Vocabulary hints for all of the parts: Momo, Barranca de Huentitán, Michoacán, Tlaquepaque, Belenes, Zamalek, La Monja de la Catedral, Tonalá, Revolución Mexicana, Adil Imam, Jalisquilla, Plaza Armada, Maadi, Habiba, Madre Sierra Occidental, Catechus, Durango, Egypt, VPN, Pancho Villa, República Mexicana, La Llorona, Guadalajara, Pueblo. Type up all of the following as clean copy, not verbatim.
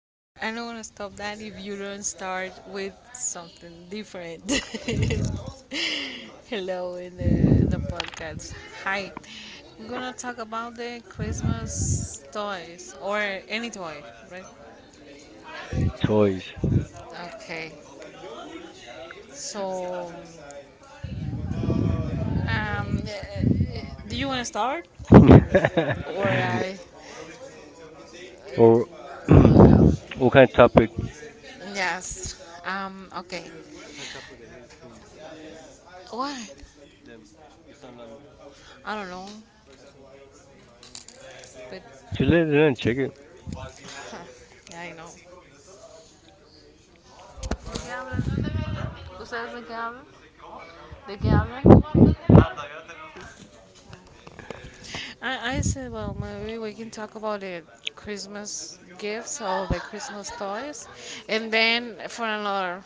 not, I don't want to stop that if you don't start with something different. Hello in the podcast. Hi. We're going to talk about the Christmas toys or any toy, right? Toys. Okay. So, um, eh, do you want to start or I? or what kind of topic? Yes. Um, okay. What's What? I don't know, but Just Let, let it in, let check it. huh, yeah, I know. ¿Qué hablan? ¿Ustedes de qué hablan? ¿De qué hablan? I said, well, maybe we can talk about the Christmas gifts or the Christmas toys, and then for another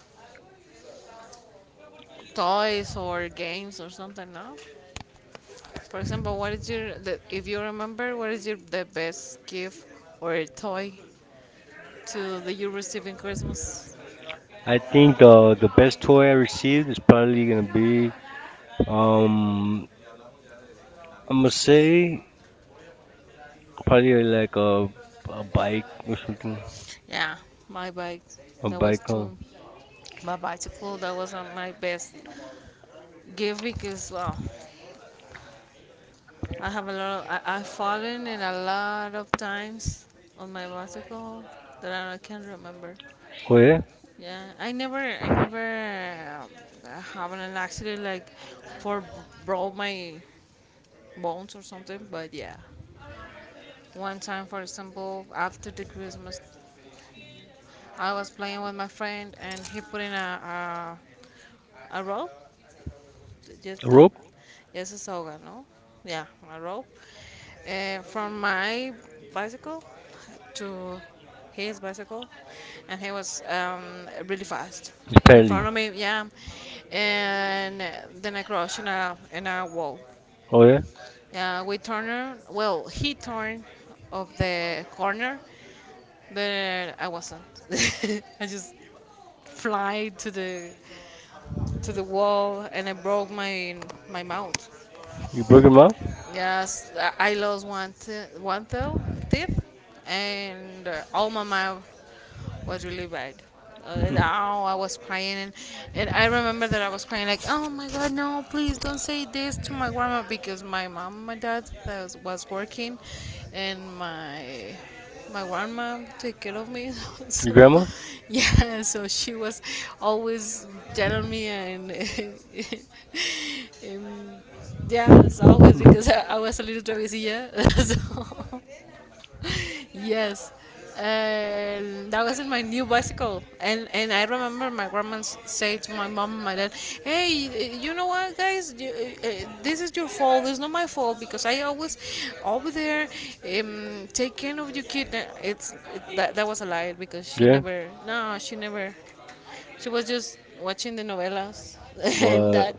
toys or games or something. No, for example, what is your the, if you remember what is your the best gift or toy to do you receive in Christmas? I I think think the, the the the best best thing toy I I received received is probably is gonna probably be um, um I'm I'm gonna gonna say say probably probably like a a bike or something. yeah, my bike. A That was bike, huh? too. My bicycle. That wasn't my best gift because well, I have a lot. I've fallen in a lot of times on my bicycle that I can't remember. Oh Oh, yeah? yeah, I never have an accident like for broke my bones or something, but yeah. One time, for example, after the Christmas, I was playing with my friend and he put in a rope, A just a, rope? just a soga, no? Yeah, a rope. From my bicycle to his bicycle, and he was really fast It's in front paddling. of me. Yeah, and then I crashed in a wall. Right. Oh, yeah? Yeah, we turned. Well, he turned of the corner, but I wasn't. I just fly to the wall, and I broke my mouth. You broke your mouth? Yes, I lost one toe, teeth, and all my mouth was really bad. Now I was crying, and I remember that I was crying like, "Oh my God, no! Please don't say this to my grandma," because my mom, and my dad was working, and my grandma took care of me. Your So, grandma? yeah, so she was always telling me and, and yeah, as always because I was a little travesilla. so. Yes, and that was not my new bicycle, and I remember my grandma say to my mom and my dad, "Hey, you know what, guys? This is your fault. It's not my fault because I always over there take care of your kid." That was a lie because she Yeah? never. No, she never. She was just watching the novelas and What? that.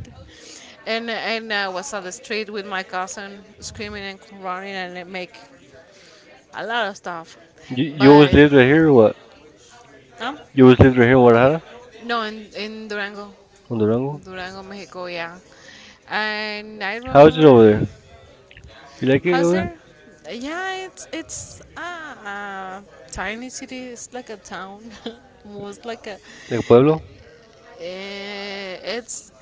And I was on the street with my cousin screaming and crying and make a lot of stuff. You always But lived right here or what? no, You always lived right here in Guadalajara? no, in Durango, On Durango? Durango, Mexico, yeah. And I How is it remember, over there? You like it how's over there? there? Yeah, a tiny city. It's like a town, most like a. Like Pueblo? eh, It's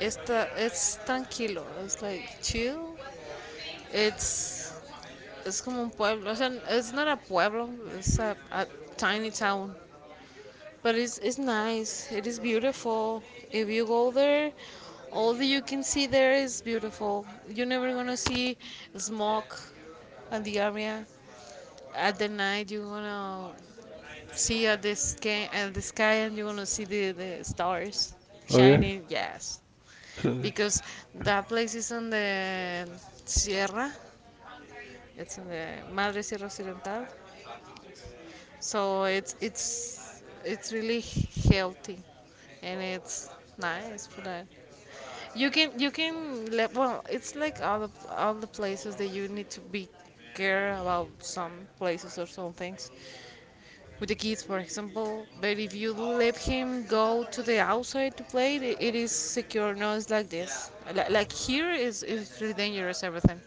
it's tranquilo. It's like chill. It's it's como un pueblo. O sea, it's not a pueblo. A tiny town. But it's nice. It is beautiful. If you go there, all that you can see there is beautiful. You're never gonna see smoke in the area. At the night, you're gonna see at the sky and you're gonna see the stars Oh, yeah. shining. Yes, So, because that place is on the Sierra. It's in the Madre Sierra Occidental. So it's really healthy, and it's nice for that. You can let well. It's like all the places that you need to be care about some places or some things. With the kids, for example, but if you let him go to the outside to play, it is secure. No, it's like this. Like here is really dangerous. Everything,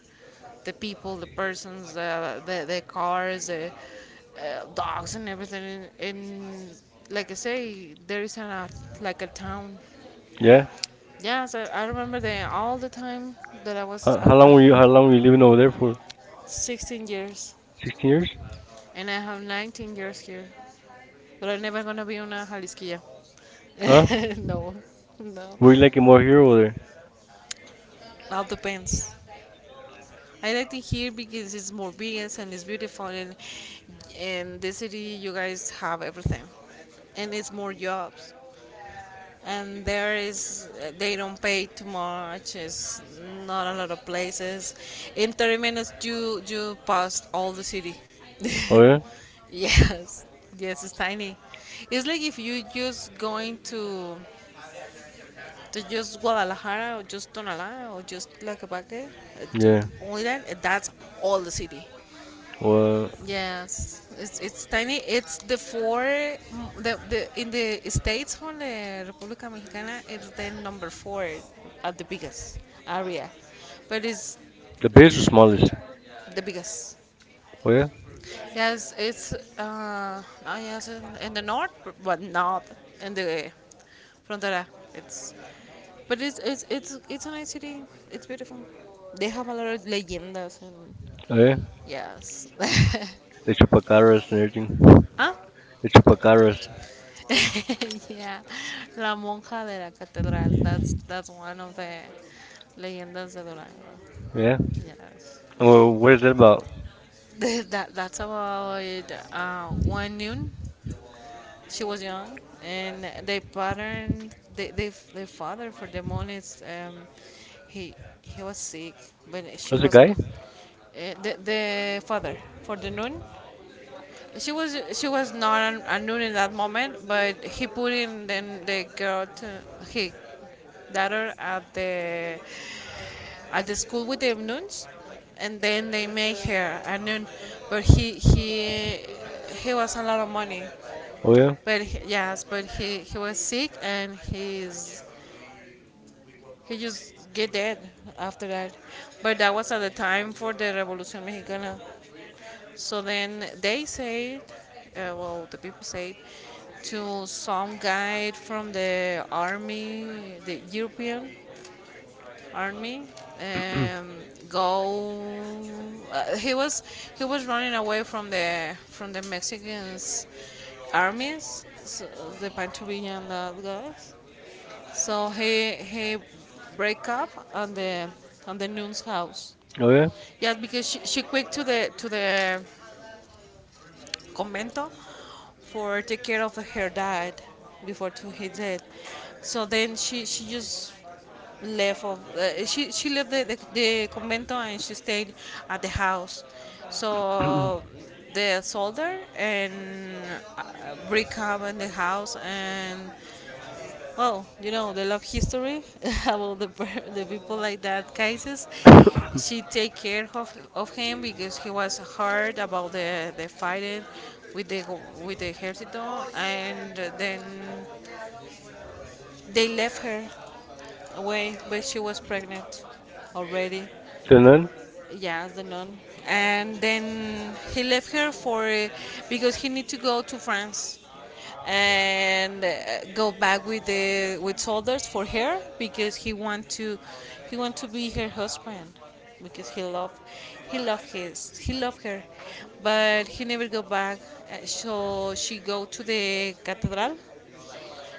the people, the persons, the cars, the dogs, and everything. And like I say, there is an like a town. yeah. Yeah, so I remember the all the time that I was How long a were you? How kid. long were you living over there for? 16 years, 16 years? and I have 19 years here. But I'm never gonna be on a Jalisquilla. Huh? no, no. Were you like more here over there? Now depends. I like to hear because it's more vegan and it's beautiful and in the city you guys have everything and it's more jobs and there is they don't pay too much, it's not a lot of places, in 30 minutes you pass all the city. Oh, yeah. Yes, yes, it's tiny. It's like if you just going to just Guadalajara or just Tonalá or just Tlaquepaque, just Yeah. Oilan, that's all the city. Well, Yes, it's tiny. It's the four m- the in the states on the República Mexicana, it's the number four at the biggest area, but it's the The bears were smallest. biggest. Oh, yeah. Yes, yes in the north, but not in the frontera. It's But it's a nice city. It's beautiful. They have a lot of leyendas and Oh, yeah. yes. The chupacabras and everything. Ah? The chupacabras. yeah, La Monja de la Catedral. That's one of the leyendas de Durango. Yeah. Yes. Well, what is that about? That's about one noon. She was young, and they their father for the months. He he was sick, but she That's a was no, guy. The father for the noon. She was not a noon in that moment, but he put in then the girl to he daughter at the school with the nuns, and then they make her a nun, but he was a lot of money, Oh, yeah. Yes, he was sick and he just get dead after that. But that was at the time for the Revolución Mexicana. So then they said, well, the people said to some guy from the army, the European army, um, go. Uh, he was he was running away from the Mexicans armies, so the Pancho Villa and that guys. He break up on the nun's house. Oh, yeah. Yeah, because she quit to the convento for take care of her dad before to he dead. So then she just left of she left the convento and she stayed at the house. So the soldier and break up in the house and well, you know, the love history about the people like that cases. The She take care of him because he was hurt about the fighting with the go- with the ejército, and then they left her away, but she was pregnant already. nun. Yes, the nun. And then he left her for because he need to go to France and go back with the with soldiers for her because he want to be her husband because he love her but he never go back. So she go to the cathedral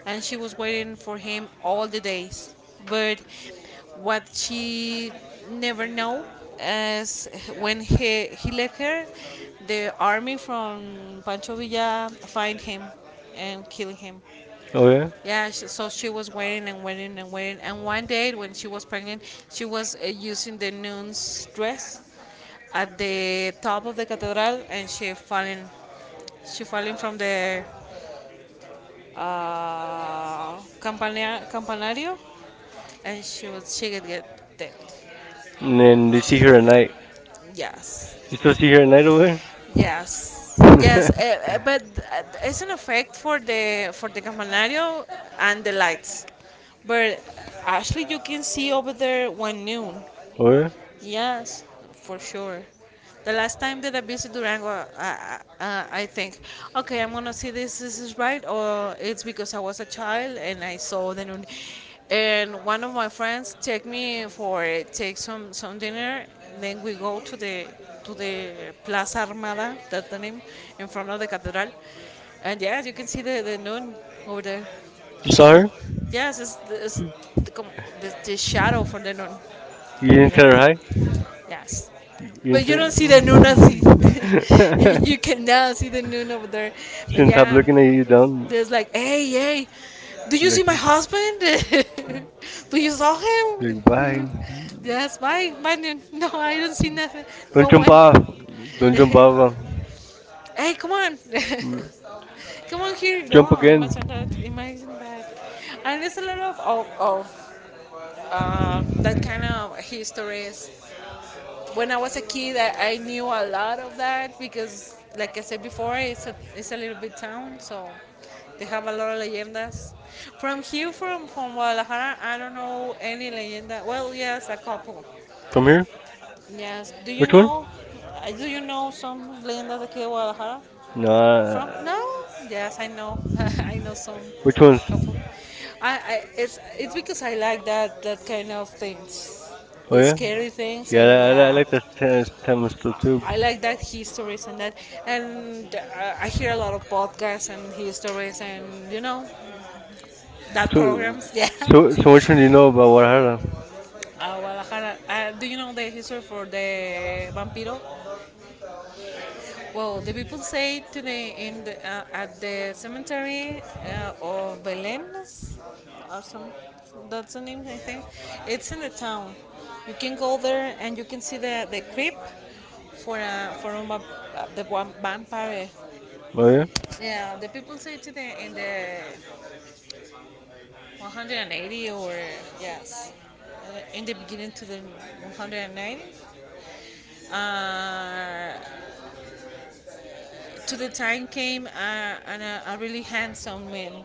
and she was waiting for him all the days. But what she never know is when he left her, the army from Pancho Villa find him and kill him. Oh, yeah. Yeah, she, so she was waiting and waiting and waiting. And one day when she was pregnant, she was using the nun's dress at the top of the cathedral and she falling from the campanario and she could get dead. And And then you they see see her her at later. night. Yes. You You still still see see her her at later, night right? over Yes, yes, there? But it's an effect for the campanario and the lights. But actually, you can see over there when noon. Oh, yeah. Yes, for sure. The last time that I visited Durango, I think, okay, I'm gonna see this. This is right, or it's because I was a child and I saw the nun. And one of my friends take me for take some dinner. Then we go to the Plaza Armada, that's the name, in front of the cathedral. And yeah, you can see the nun over there. You saw The her? Yes, it's the, com- the shadow from the nun. You didn't Yeah. tell her hi? Yes. You But you don't intend? see the noon as he- you cannot see the noon over there. But Shouldn't stop yeah, looking at you down. there's like, hey, hey, do you see Like, my husband? do you saw like bye. him? yes, my noon. No, I don't see nothing. No Don't jump one. off. Don't jump off. hey, come on. come on here. Jump No, again. imagine that. Imagine that. And there's a lot of that kind of histories. When I was a kid, I knew a lot of that because, like I said before, it's it's a little bit town, so they have a lot of leyendas. From here, from Guadalajara, I don't know any leyenda. Well, yes, a couple. From here? Yes. Do you Which one? know? Do you know some leyendas aquí de Guadalajara? From Nah. no? Yes, I know. I know some, Which ones? a couple. I it's because I like that kind of things, Oh, the yeah. scary things, Yeah, and I yeah. like the tennis too. I like that histories and that, and I hear a lot of podcasts and histories and that So, programs. Yeah. So so, so which which one one do do you you know about know Guadalajara? about Guadalajara? Guadalajara. Do you know the history for the vampiro? Well, the people say today in at the cemetery of Belenes, or some, that's the name I think. It's in the town. You can go there and you can see the crypt for the one vampire. Oh, yeah. Yeah, the people say to the in the 180 or yes, in the beginning to the 190. Uh, to the time came and a really handsome man,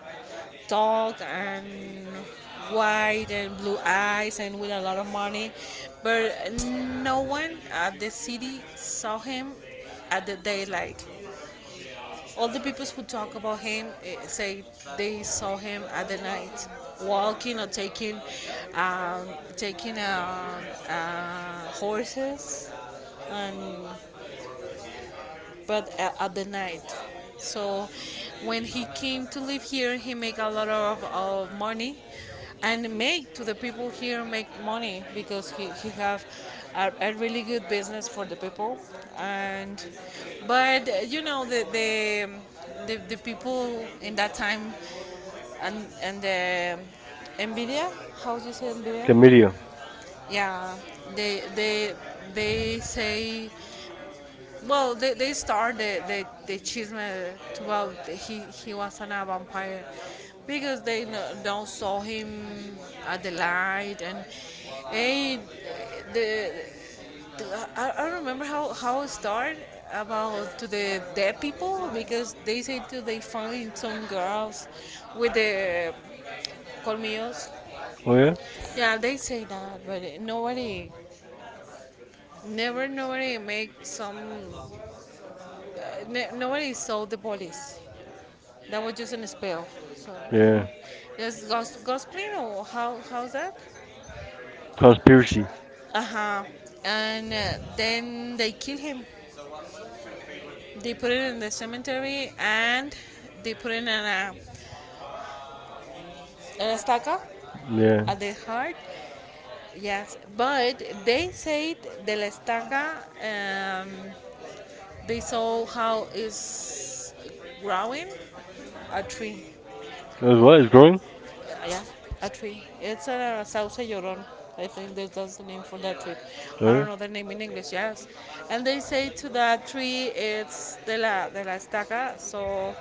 tall and white and blue eyes and with a lot of money, but no one at the city saw him at the daylight. All the people who talk about him say they saw him at the night walking or taking um, taking um, horses and, but at the night. So when he came to live here, he make a lot of money and make to the people here make money because he have a really good business for the people, and but the people in that time, and the Nvidia. How do you say Nvidia? The media. Yeah, they they they say. Well, they start the chisme about he was an a vampire because they no, don't saw him at the light, and eh, the, the I don't remember how it started about to the dead people, because they say that they find some girls with the colmillos. Oh, yeah. Yeah, they say that, but nobody, never nobody make some, nobody saw the police. That was just an spell. So, Yeah. so just gospeling, or how's that? Conspiracy. Uh huh. And then they kill him. They put it in the cemetery, and they put it in in estaca Yeah. at the heart. Yes, but they said the la estaca. Um, they saw how is growing a tree. It was what? It's growing. Yeah, a tree. It's a sauce llorón. I think that's the name for that tree. Oh, I don't yeah. know the name in English. Yes, and they say to that tree it's de la estaca. So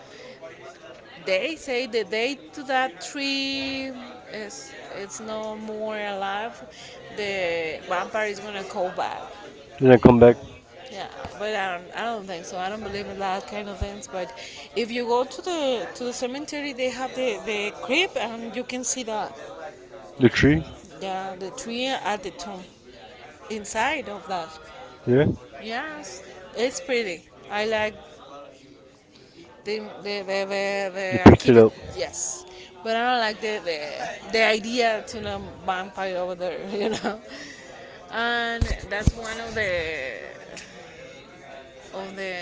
they say the day to that tree is, it's no more alive. The vampire is gonna call back. Then I come back. Yeah, but I don't think so. I don't believe in that kind of things. But if you go to the cemetery, they have the crypt, and you can see that. The tree. Yeah, the tree at the top, inside of that. Yeah. Yes, it's pretty. I like the the the the, They the picked it architect. up. Yes, but I don't like the idea to the vampire over there. You know, and that's one of the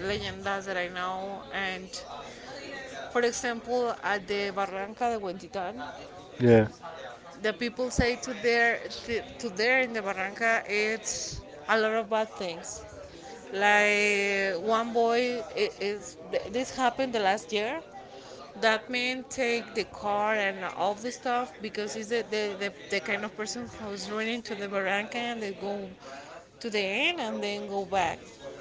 leyendas that I know. And for example, at the Barranca de Huentitán, Yeah. the people say to there, in the barranca it's a lot of bad things. Like one boy it is. This happened the last year. That man take the car and all the stuff because he's the kind of person who's running to the barranca, and they go to the end and then go back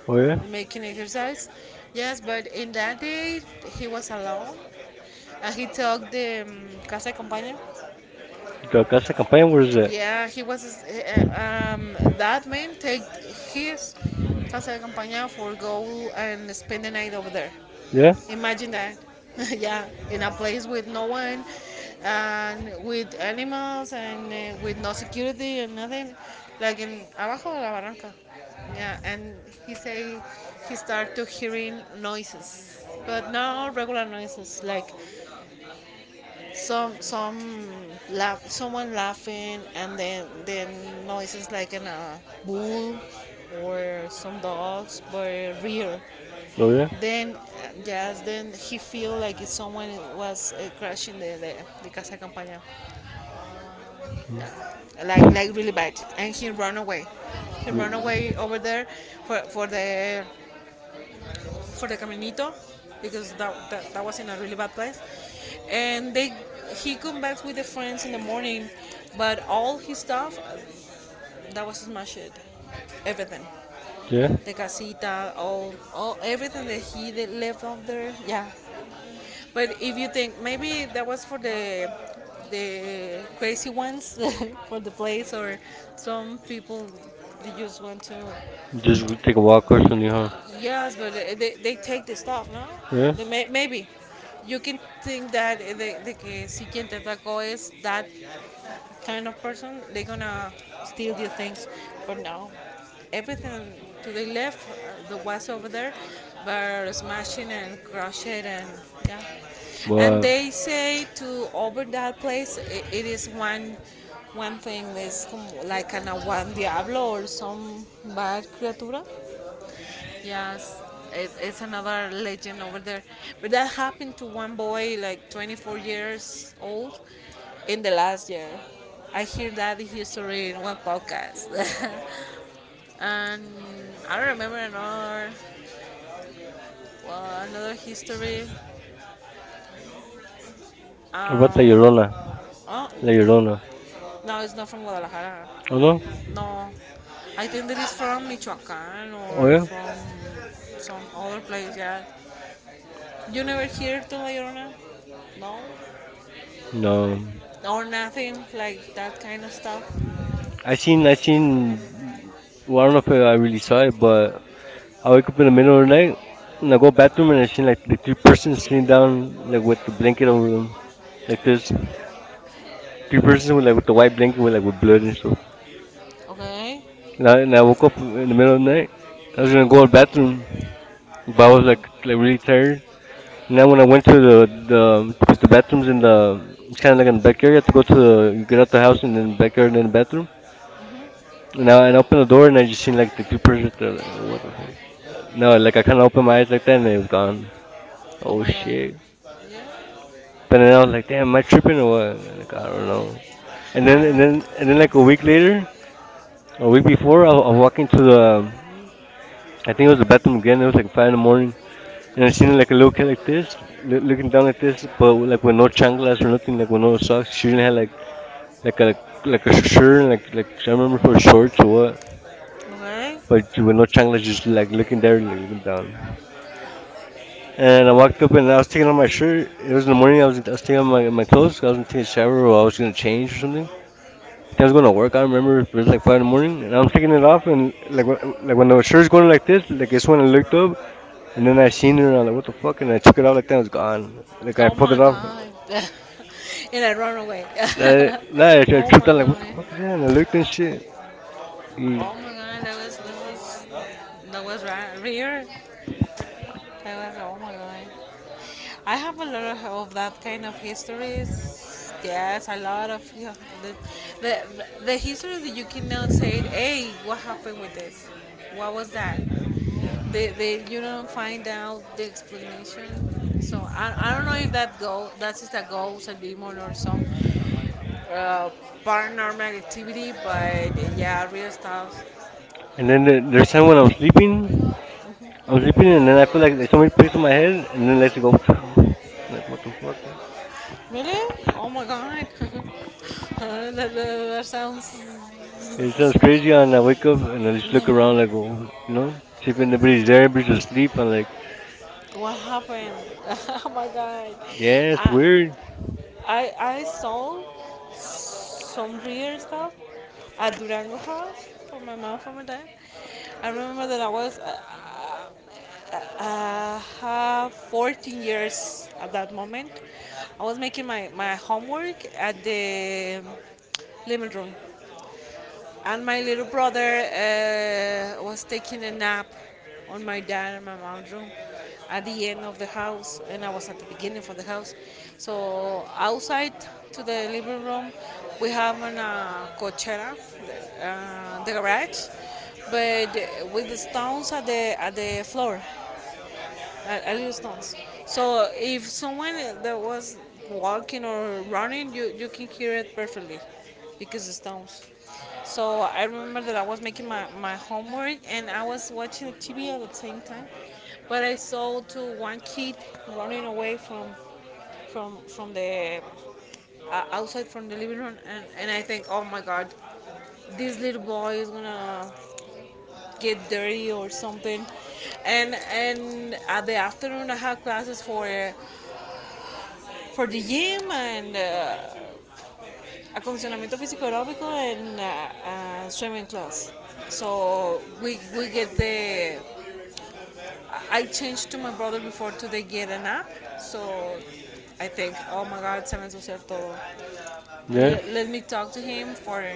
Oh, yeah. making exercise. Yes, but in that day he was alone, and he took the casa de campaña. That's a campaign. What is that? Yeah, he was that man take his Casa de Campaña for go and spend the night over there. Yeah. Imagine that. Yeah, in a place with no one and with animals and with no security and nothing, like in abajo de la barranca. Yeah, and he say he start to hearing noises, but not regular noises, like some some someone laughing, and then noises like an bull or some dogs, but real. Oh, yeah. Then yes, then he feel like if someone was crashing the casa campaña, like really bad, and he run away. He run away Mm, over there for for the for the Caminito, because that was in a really bad place. And they he come back with the friends in the morning, but all his stuff that was smashed, everything, yeah. the casita, all everything that he left out there, yeah. But if you think, maybe that was for the crazy ones, for the place, or some people they just want to. Just go take a walk or something, huh? Yes, but they take the stuff, no? Yeah. They maybe. You can think that eh, the que si quien te atacó is that kind of person, they're gonna steal your things. But no, everything to the left, the was over there, were smashing and crushing, and yeah. And But they say to over that place, it is one thing, is como like an a one diablo or some bad criatura. Yes, it's another legend over there. But that happened to one boy, like 24 years old, in the last year. I hear that history in one podcast. And I remember another, well, another history. what about La Um, Llorona? oh, La Llorona. no, it's not from Guadalajara. Oh, no. No, I think that it's from Michoacán Oh, or yeah. from some other place. Yeah, you never hear to La Llorona? No? No. Or nothing like that kind of stuff? I I seen seen. the Well, I Well, I don't don't know know if if I I really really saw saw it, it, but but I I wake wake up up in in the the middle of middle the of the night, night and and I I go go back to them, bathroom and and I I see see like like the two three persons persons sitting sitting down down like, like with the blanket over them like this. two Three persons persons with, with like like, with the the white white blanket with like with thing. blood and stuff. Okay. And I, That, and I that was woke like, up in the middle of the like, night. I was we were gonna go to going the back to the, bathroom. but But I I was was like, like like really really tired. tired. And And then then when when I I went went to to the, the, the to the the bathrooms bathrooms in the it's it's kind kind of of like like in in the the back back, I area to go think it's to you get left out the the house house and and then we the like back right and on then the back. bathroom. And I And I I opened opened the the door, door and and I I just just, seen like the two persons. like, That, what the I kind fuck? No, like I of kind of opened opened my my eyes, eyes and like that and it was then, gone. Oh Oh, my shit! god. Yeah. But And then then I I was was like, like, damn, damn, am my I tripping or shit. what? Like, I don't know. And And then, I then and then and and then then like like a a week week later, later, a a week week before, before, I was like, I think it was the bathroom again. It was like 5 in the morning. And I seen her like looking like this, looking down like this, but like with no chanclas or nothing, like with no socks. She didn't have like a like a shirt, and, like I remember for shorts or what, but with no Okay. chanclas, just like looking there, like looking down. And And I I want walked to up spend a and I lot of was taking time off my with you. shirt. It There's was in a the very morning. I was healthy I was customer. taking off my clothes. I was gonna take a shower or I was gonna change or something. I was going to work. I remember it was like 5 in the morning, and I'm taking it off, and like when the shirt's going like this, like it's when I looked up, and then I seen her, and I'm like, what the fuck? And I took it off like that, and it has gone. Like I Oh pulled my it off, god. And I run away. I, no, I, I Oh tripped my out like, what the god. fuck is that? And I looked and shit. Mm. Oh my god, that was that was right here. I was, oh my god. I have a lot of that kind of histories. Yes, a lot of, yeah, the, the history that you cannot say, hey, what happened with this? What was that? They you don't find out the explanation. So I don't know if that's just a ghost, a demon, or some uh, paranormal activity. But yeah, real stuff. And And then then the there's time someone when else sleeping. Like, I was sleeping, depending, and then I feel like, like if there's someone somebody frees my placed on my hand, head, and I'm then lets it invincible. go. Like, what the fuck? Really? Oh my god. That sounds. It's It sounds so crazy crazy, on and that I wake weekend. up I and I used to, just look around, no. like, oh, see if In the anybody's there, Brazil, we just everybody's eat asleep. I'm like, and like, what happened? Oh my god. yeah, it's I, weird. I saw some real stuff at Durango House for my mom, for my dad. I remember that I was 14 years at that moment. I was making my homework at the living room, and my little brother was taking a nap on my dad and my mom's room at the end of the house, and I was at the beginning of the house. So outside to the living room we have an cochera, the garage, but with the stones at the floor. I use noise. So if someone that was walking or running, you, can hear it perfectly because it's noise. So I remember that I was making my homework and I was watching the TV at the same time, but I saw to one kid running away from the outside, from the living room, and I think, oh my god, this little boy is gonna get dirty or something. And at the afternoon I have classes for the gym and acondicionamiento físico aeróbico and swimming class. So we get the I changed to my brother before to they get an app. So I think, oh my god, se me ensució todo. Yeah, Let me talk to him for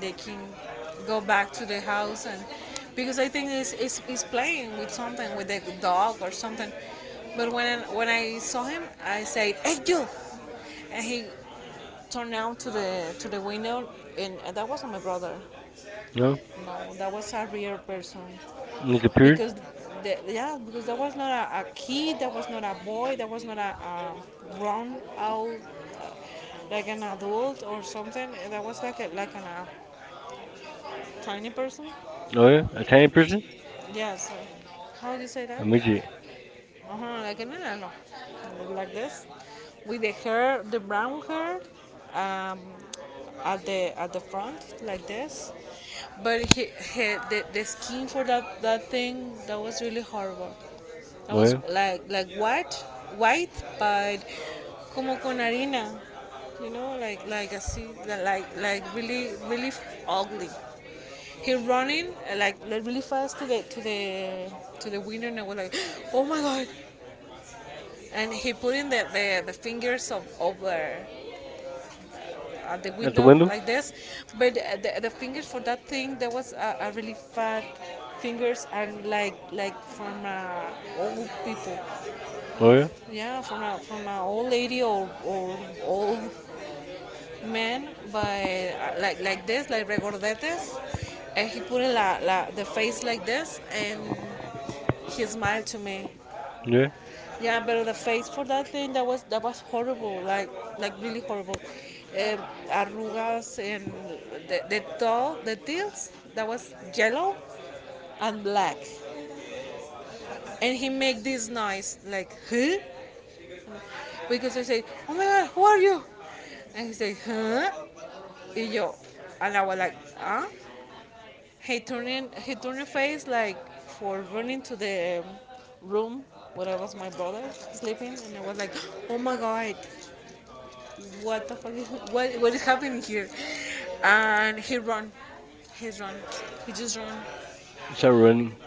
they can go back to the house. And because I think it's he's playing with something with the dog or something, but when I saw him I said, hey you. And he turned out to the window, and that wasn't my brother. no. No, that was a real person, And it's a because the, yeah, because there was not a, a kid, there was not a boy, there was not a, a grown out, uh, like an adult or something. That was like a, like an, a tiny person. Oh, yeah. A Tiny tiny person? person? Yes. So how do you say A that? midget. Like an enano, like this, with the hair, the brown hair, um, at the front, like this. But he, the skin for that, that thing, that was really horrible. That Oh, was yeah. like white, white, but como con harina, like así, like really ugly. He running like, really fast to the to the to the window, and I was like, oh my god! And he putting the fingers of over at the At the window window? like this, but the fingers for that thing, there was a really fat fingers, and like from old people. Oh, yeah. Yeah, from a, from an old lady or old man by like this, like regordetes, and he put la, la the face like this, and he smiled to me. Yeah. Yeah, but the face for that thing, that was, that was horrible, like really horrible. Um, Arrugas, and the toe, the teeth, that was yellow and black. And he make this noise like huh, because I say, oh my god, who are you? And he say, huh? Y yo, and I was like, huh? He turned face like for running to the room where I was my brother sleeping, and I was like, "Oh my god, what the fuck? Is, what is happening here?" And he run, he's run, he just run. Start running.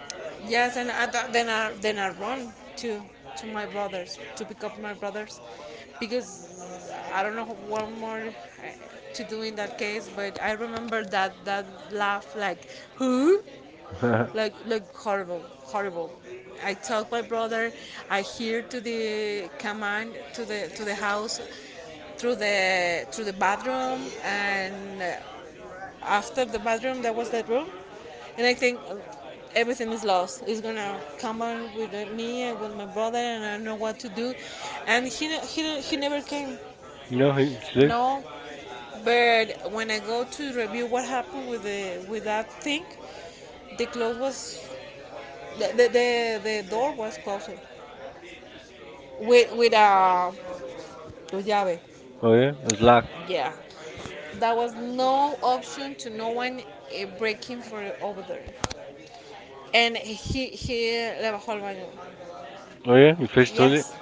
Yes, and I, then I run to my brothers, to pick up my brothers, because I don't know what more to do in that case. But I remember that that laugh like, "Who?" Like horrible, horrible. I took my brother. I hear to the command to the house through the bathroom, and after the bathroom there was that room, and I think everything is lost. It's gonna come on with me and with my brother, and I don't know what to do. And he never came. No, he, look. No, but when I go to review what happened with the with that thing, the clothes was, the door was closed with a, with llave. Oh, yeah. It's locked. Yeah. There was no option to no one, breaking for over there. And he left a whole bunch. Oh, yeah. You fish toilet. Yes.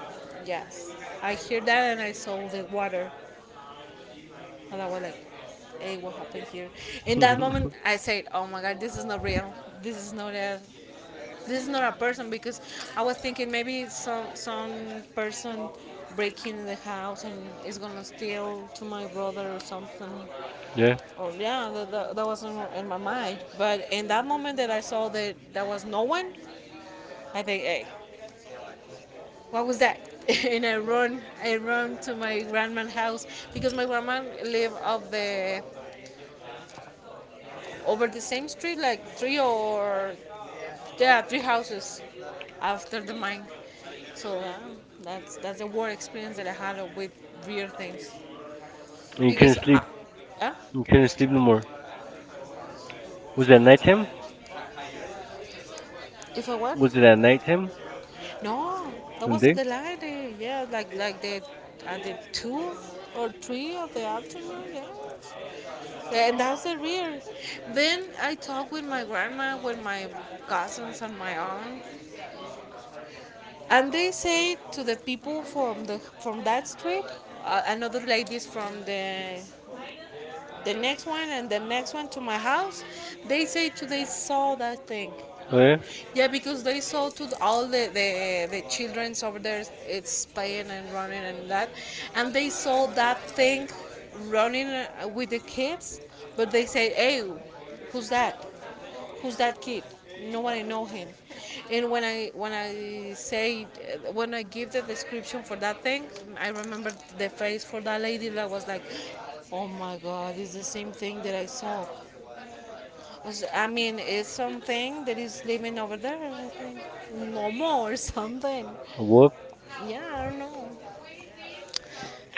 Yes. I hear that and I saw the water. And I was like, hey, what happened here? In that moment, I said, oh my God, this is not real. This is not a, this is not a person, because I was thinking maybe some person breaking the house and is gonna steal to my brother or something. Yeah, Or yeah, that, that, that was in my mind. But in that moment that I saw that there was no one, I think, hey, what was that? And I run to my grandma's house, because my grandma lived off the over the same street, like three or, yeah, three houses after the mine. So yeah, that's a war experience that I had with real things. and you Because, couldn't sleep. I, yeah, You couldn't sleep no more. Was was it it at a night, nighttime? if I what? Was Was it it at nighttime? night? No, that And was day? at the light. Yeah, like the at the two or three of the afternoon. Yeah. Yeah, and that's the real. Then I talked with my grandma, with my cousins, and my aunt, and they say to the people from the from that street, another ladies from the next one and the next one to my house, they say today saw that thing. Oh, yeah. Yeah, because they saw to all the childrens over there, it's playing and running and that, and they saw that thing running with the kids, but they say, "Hey, who's that? Who's that kid? Nobody know him." And when I say when I give the description for that thing, I remember the face for that lady that was like, "Oh my God, it's the same thing that I saw." I mean, it's something that is living over there. I think Momo or something. Whoop. Yeah, I don't know.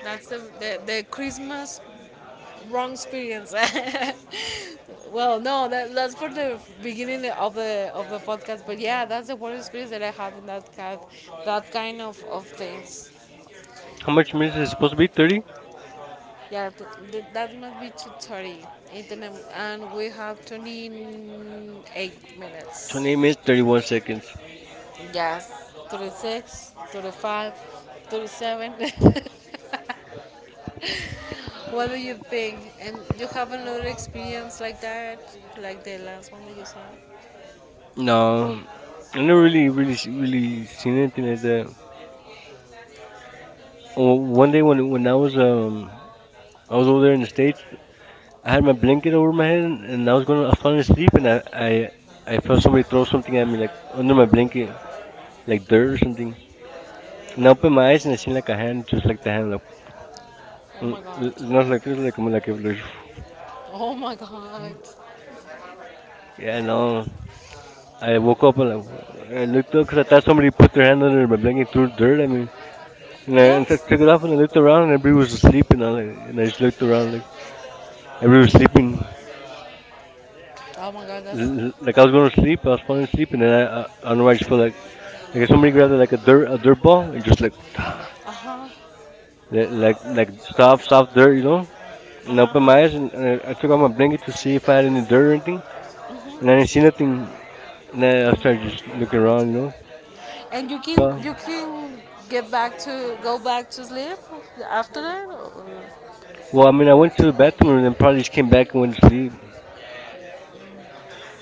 That's the Christmas wrong experience. Well, no, that, that's for the beginning of the podcast. But yeah, that's the worst experience that I had in that kind, that kind of things. How How much much money minutes is is it supposed supposed to to be? be? 30? 30? Yeah, that must be 230. It, and we have 28 minutes. 28 I missed minutes, 30 more 31 seconds. seconds. Yes, 36, 35, 37. What do you think? And you have another experience like that, like the last one that you saw? No, No, I you know, never really, really, s- really really seen anything like miracles. that. Well, Oh, one one day day when when when I was I was over over there in there the in the states, states, I I had had my my blanket blanket over over my my head, head and and I was I gonna was I fell falling asleep, asleep and and I I I I felt felt somebody somebody threw throw something something at at me me like under under my my blanket, blanket like like dirt dirt or or something. something. And And I I opened opened my my eyes eyes and and I I seen seen like like a a hand, hand just just like like the that. hand like, Oh L- my god. l- Not like this, like I'm like a little- Oh my god. I Yeah, no. I woke woke up up and and like, I looked up because looked, I thought that's when you somebody put put your their hand hand under under the my thing you blanket and couldn't threw breathe dirt and at me. And then I, I. and I Yes. took Stood it up off and and I looked looked around around and and everybody we were was asleep sleeping. and I, like, and We were I just looked around like sleeping. We everybody were was sleeping. sleeping. Oh my god, that's, like Like I I was was going to going to sleep, sleep, I I was was going falling to sleep, asleep and and then then I don't I know, why I watched just felt like and if somebody somebody got grabbed like like a a dirt dirt ball, ball and and just just like, like uh-huh, like like stop, stop soft dirt, you dirt. know? And I, And I uh-huh, open opened my my eyes eyes and and I I turned took on off my my blanket blanket to to see see if if I I had had any any dirt or anything, dirt. and I No, didn't seen see it. nothing. And I, No. I Um, started just looking alright. around. And you can, But you can get back to go back to sleep after that. Or? Well, Well, I I mean, mean, I I went went to to the the bathroom bathroom and then and I probably just just came came back back and and went was to sleep.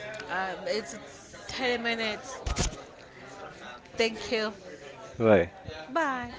fine. It's 10 minutes. Thank you. Right. Bye.